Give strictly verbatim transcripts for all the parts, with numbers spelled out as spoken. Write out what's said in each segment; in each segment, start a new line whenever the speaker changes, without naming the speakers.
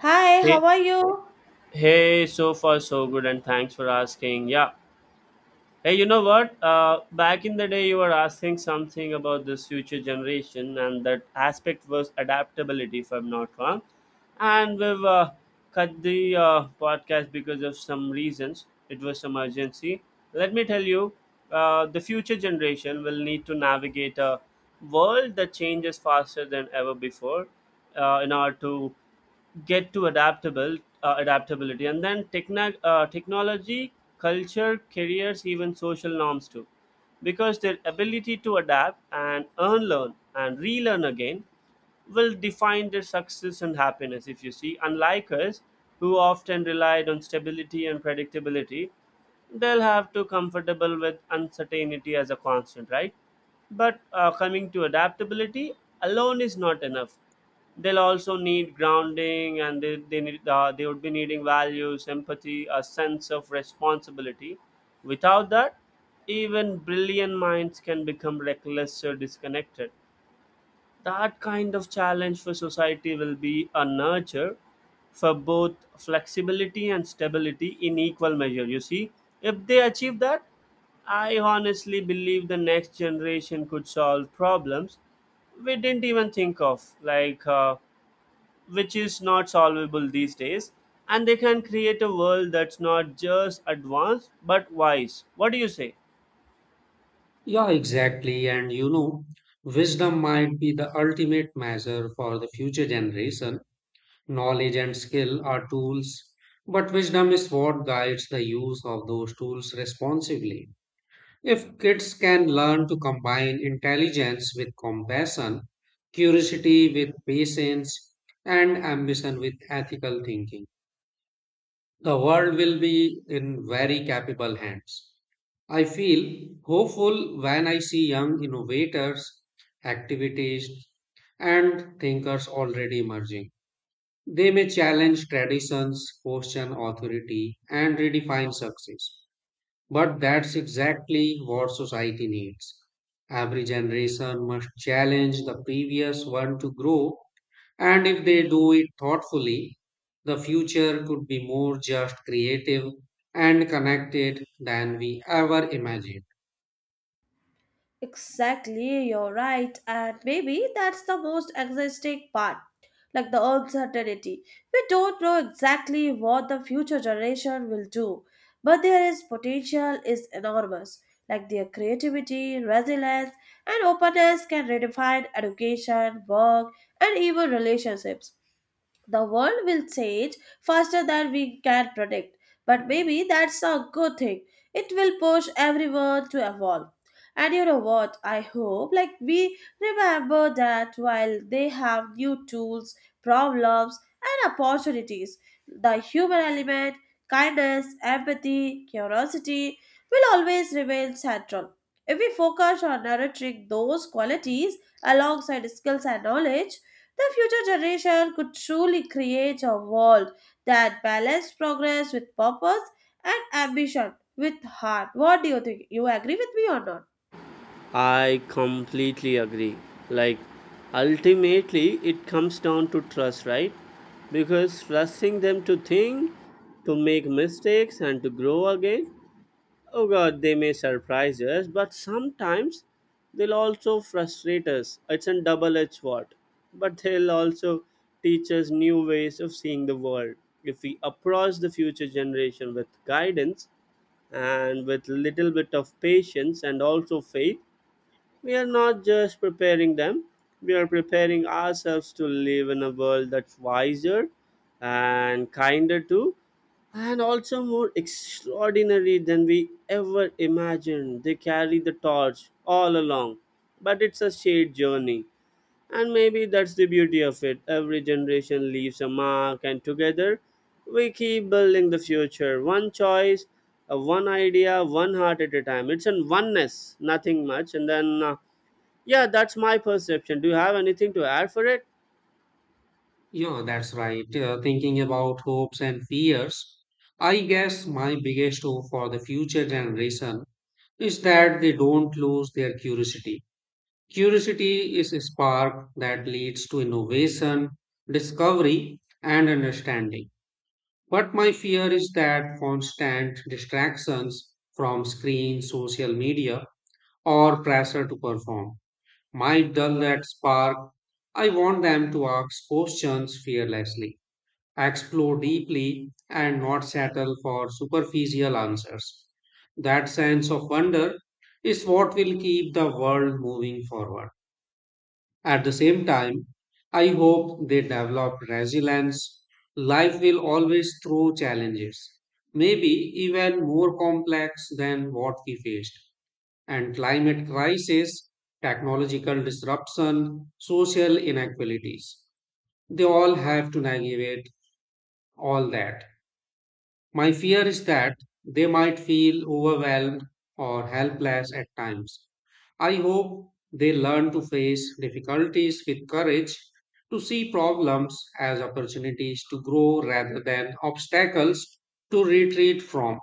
Hi,
Hey,
how are you?
hey, so far so good, and thanks for asking. Yeah. Hey, you know what? Uh, back in the day, you were asking something about this future generation, and that aspect was adaptability, if I'm not wrong. And we've uh, cut the uh, podcast because of some reasons. It was some urgency. Let me tell you, uh, the future generation will need to navigate a world that changes faster than ever before uh, in order to get to adaptable uh, adaptability, and then techno- uh, technology, culture, careers, even social norms too, because their ability to adapt and unlearn and relearn again will define their success and happiness, if you see, unlike us who often relied on stability and predictability. They'll have to comfortable with uncertainty as a constant, right? But uh, coming to adaptability alone is not enough. They'll also need grounding, and they, they need uh, they would be needing values, empathy, a sense of responsibility. Without that, even brilliant minds can become reckless or disconnected. That kind of challenge for society will be a nurture for both flexibility and stability in equal measure. You see, if they achieve that, I honestly believe the next generation could solve problems we didn't even think of, like uh, which is not solvable these days. And they can create a world that's not just advanced but wise. What do you say?
Yeah, exactly. And you know, wisdom might be the ultimate measure for the future generation. Knowledge and skill are tools, but wisdom is what guides the use of those tools responsibly. If kids can learn to combine intelligence with compassion, curiosity with patience, and ambition with ethical thinking, the world will be in very capable hands. I feel hopeful when I see young innovators, activities, and thinkers already emerging. They may challenge traditions, question authority, and redefine success. But that's exactly what society needs. Every generation must challenge the previous one to grow, and if they do it thoughtfully, the future could be more just, creative, and connected than we ever imagined.
Exactly, you're right. And maybe that's the most exciting part, like the uncertainty. We don't know exactly what the future generation will do, but there is potential is enormous. Like their creativity, resilience, and openness can redefine education, work, and even relationships. The world will change faster than we can predict, but maybe that's a good thing. It will push everyone to evolve. And you know what? I hope like we remember that while they have new tools, problems, and opportunities, the human element, kindness, empathy, curiosity will always remain central. If we focus on nurturing those qualities alongside skills and knowledge, the future generation could truly create a world that balanced progress with purpose and ambition with heart. What do you think? You agree with me or not?
I completely agree. Like, ultimately, it comes down to trust, right? Because trusting them to think, to make mistakes, and to grow again, oh god, they may surprise us, but sometimes they'll also frustrate us. It's a double edged sword. But they'll also teach us new ways of seeing the world. If we approach the future generation with guidance and with little bit of patience and also faith, we are not just preparing them, we are preparing ourselves to live in a world that's wiser and kinder too, and also more extraordinary than we ever imagined. They carry the torch all along, but it's a shared journey. And maybe that's the beauty of it. Every generation leaves a mark, and together we keep building the future. One choice, uh, one idea, one heart at a time. It's an oneness, nothing much. And then uh, yeah, that's my perception. Do you have anything to add for it?
Yeah, that's right. Uh, thinking about hopes and fears, I guess my biggest hope for the future generation is that they don't lose their curiosity. Curiosity is a spark that leads to innovation, discovery, and understanding. But my fear is that constant distractions from screens, social media, or pressure to perform might dull that spark. I want them to ask questions fearlessly explore deeply, and not settle for superficial answers. That sense of wonder is what will keep the world moving forward. At the same time, I hope they develop resilience. Life will always throw challenges, maybe even more complex than what we faced. And climate crisis, technological disruption, social inequalities, they all have to navigate all that. My fear is that they might feel overwhelmed or helpless at times. I hope they learn to face difficulties with courage, to see problems as opportunities to grow rather than obstacles to retreat from.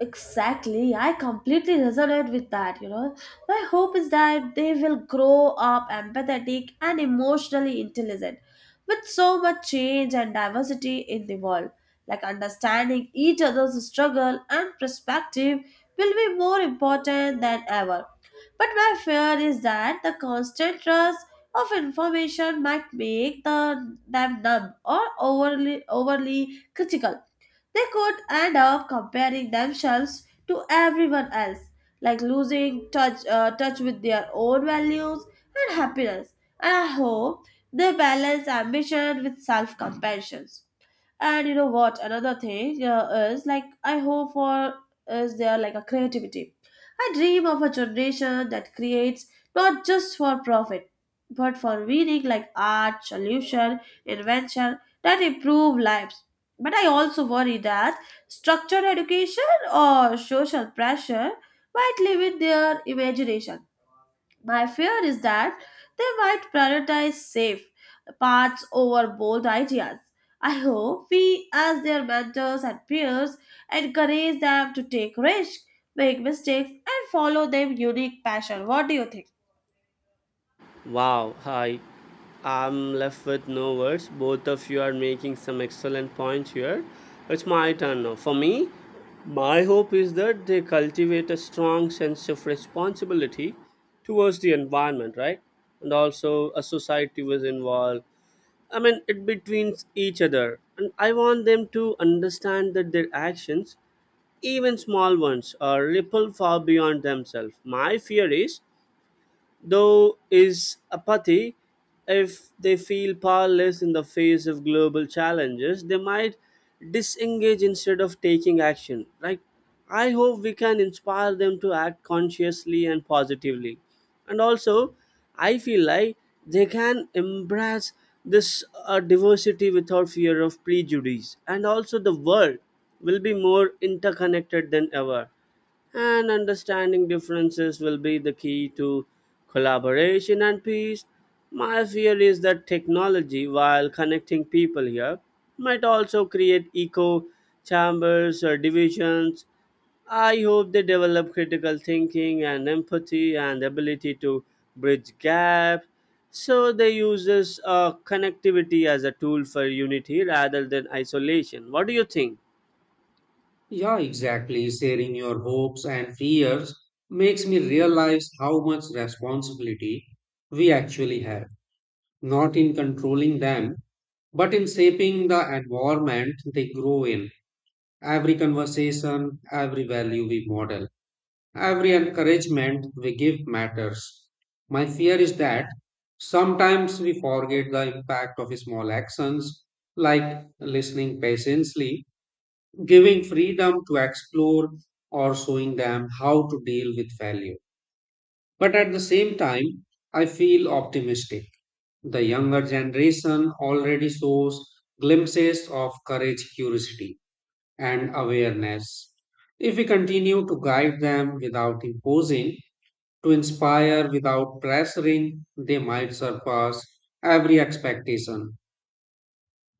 Exactly, I completely resonate with that. You know, my hope is that they will grow up empathetic and emotionally intelligent with so much change and diversity in the world. Like understanding each other's struggle and perspective will be more important than ever. But my fear is that the constant rush of information might make the, them numb or overly, overly critical. They could end up comparing themselves to everyone else, like losing touch, uh, touch with their own values and happiness. And I hope they balance ambition with self compassion. And you know what? Another thing uh, is like I hope for is there like a creativity. I dream of a generation that creates not just for profit but for meaning, like art, solution, invention that improve lives. But I also worry that structured education or social pressure might limit their imagination. My fear is that they might prioritize safe paths over bold ideas. I hope we, as their mentors and peers, encourage them to take risks, make mistakes, and follow their unique passion. What do you think?
Wow, hi. I'm left with no words. Both of you are making some excellent points here. It's my turn now. For me, my hope is that they cultivate a strong sense of responsibility towards the environment, right? And also a society was involved. I mean, it between each other. And I want them to understand that their actions, even small ones, uh, ripple far beyond themselves. My fear is, though, is apathy. If they feel powerless in the face of global challenges, they might disengage instead of taking action, right? I hope we can inspire them to act consciously and positively. And also, I feel like they can embrace this uh, diversity without fear of prejudice. And also, the world will be more interconnected than ever, and understanding differences will be the key to collaboration and peace. My fear is that technology, while connecting people here, might also create echo chambers or divisions. I hope they develop critical thinking and empathy and ability to bridge gaps, so they use this uh, connectivity as a tool for unity rather than isolation. What do you think?
Yeah, exactly. Sharing your hopes and fears makes me realize how much responsibility we actually have, not in controlling them, but in shaping the environment they grow in. Every conversation, every value we model, every encouragement we give matters. My fear is that sometimes we forget the impact of small actions like listening patiently, giving freedom to explore, or showing them how to deal with failure. But at the same time, I feel optimistic. The younger generation already shows glimpses of courage, curiosity, and awareness. If we continue to guide them without imposing, to inspire without pressuring, they might surpass every expectation.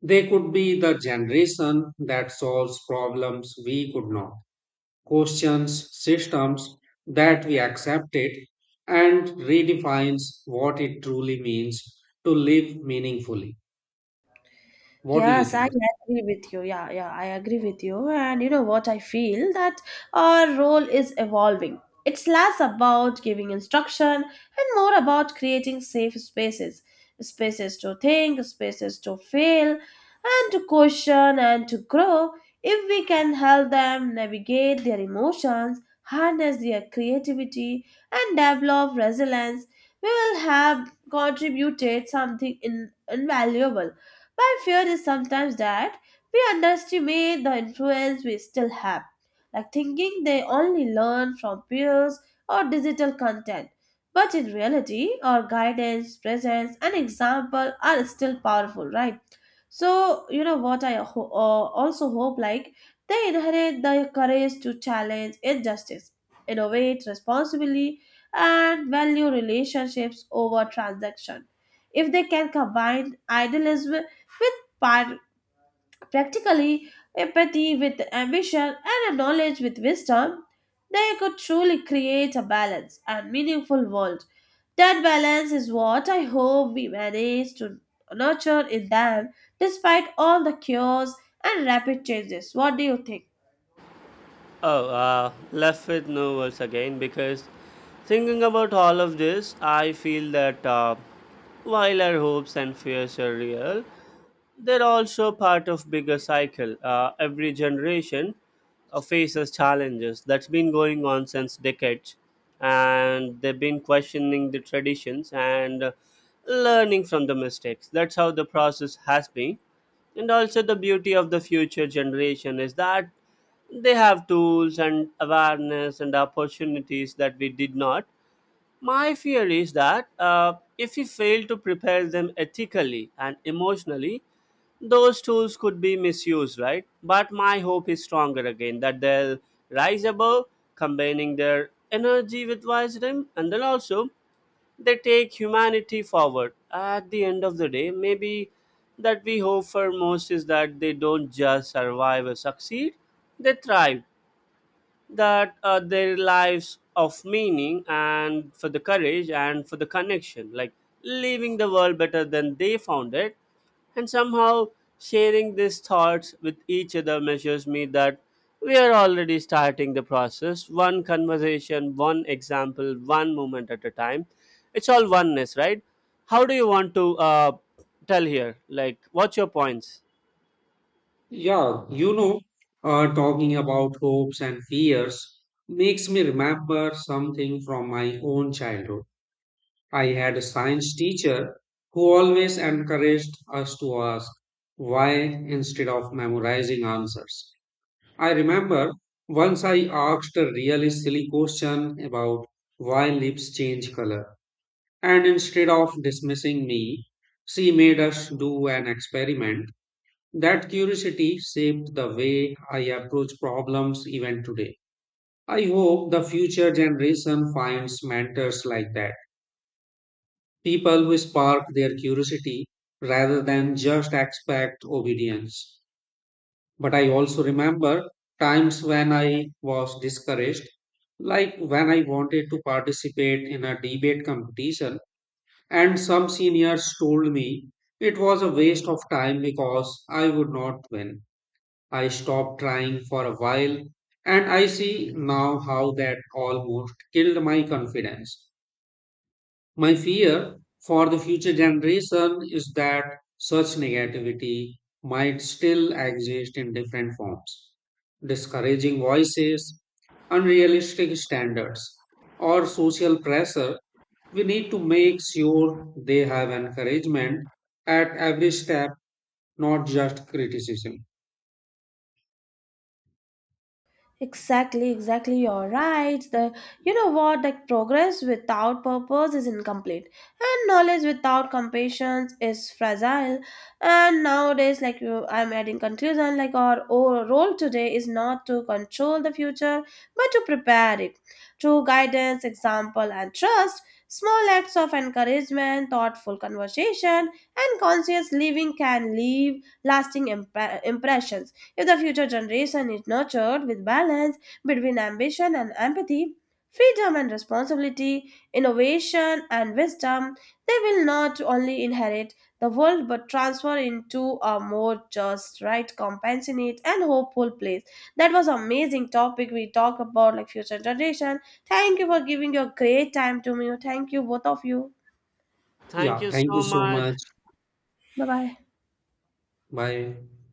They could be the generation that solves problems we could not, questions systems that we accepted, and redefines what it truly means to live meaningfully. What do you
Yes, I
think?
agree with you. Yeah, yeah, I agree with you. And you know what? I feel that our role is evolving. It's less about giving instruction and more about creating safe spaces, spaces to think, spaces to fail, and to question and to grow. If we can help them navigate their emotions, harness their creativity, and develop resilience, we will have contributed something in, invaluable. My fear is sometimes that we underestimate the influence we still have, like thinking they only learn from peers or digital content. But in reality, our guidance, presence, and example are still powerful, right? So, you know what, I ho- uh, also hope like they inherit the courage to challenge injustice, innovate responsibly, and value relationships over transaction. If they can combine idealism with par- practically, empathy with ambition, and a knowledge with wisdom, they could truly create a balanced and meaningful world. That balance is what I hope we manage to nurture in them, despite all the cures and rapid changes. What do you think?
Oh, uh, left with no words again because thinking about all of this, I feel that uh, while our hopes and fears are real, they're also part of bigger cycle. Uh, every generation uh, faces challenges that's been going on since decades, and they've been questioning the traditions and uh, learning from the mistakes. That's how the process has been. And also, the beauty of the future generation is that they have tools and awareness and opportunities that we did not. My fear is that uh, if we fail to prepare them ethically and emotionally, those tools could be misused, right? But my hope is stronger again that they'll rise above, combining their energy with wisdom, and then also they take humanity forward. At the end of the day, maybe that we hope for most is that they don't just survive or succeed, they thrive, that uh, their lives of meaning and for the courage and for the connection, like leaving the world better than they found it, and somehow sharing these thoughts with each other measures me that we are already starting the process, one conversation, one example, one moment at a time. It's all oneness, right? How do you want to uh, tell here, like what's your points?
Yeah, you know, uh, talking about hopes and fears makes me remember something from my own childhood. I had a science teacher who always encouraged us to ask why instead of memorizing answers. I remember once I asked a really silly question about why lips change color, and instead of dismissing me, she made us do an experiment that curiosity shaped the way I approach problems even today. I hope the future generation finds mentors like that, people who spark their curiosity rather than just expect obedience. But I also remember times when I was discouraged, like when I wanted to participate in a debate competition, and some seniors told me it was a waste of time because I would not win. I stopped trying for a while, and I see now how that almost killed my confidence. My fear for the future generation is that such negativity might still exist in different forms, discouraging voices, unrealistic standards, or social pressure. We need to make sure they have encouragement at every step, not just criticism.
Exactly, exactly. You're right. The You know what? Like, progress without purpose is incomplete, and knowledge without compassion is fragile. And nowadays, like you, I'm adding conclusion. Like, our o- role today is not to control the future, but to prepare it through guidance, example, and trust. Small acts of encouragement, thoughtful conversation, and conscious living can leave lasting impre- impressions. If the future generation is nurtured with balance between ambition and empathy, freedom and responsibility, innovation and wisdom, they will not only inherit the world but transfer into a more just, right, compassionate and hopeful place. That was amazing topic we talked about like future generation. Thank you for giving your great time to me. Thank you both of you.
Thank
Yeah,
you
thank you
so
so
much.
much.
Bye bye.
Bye.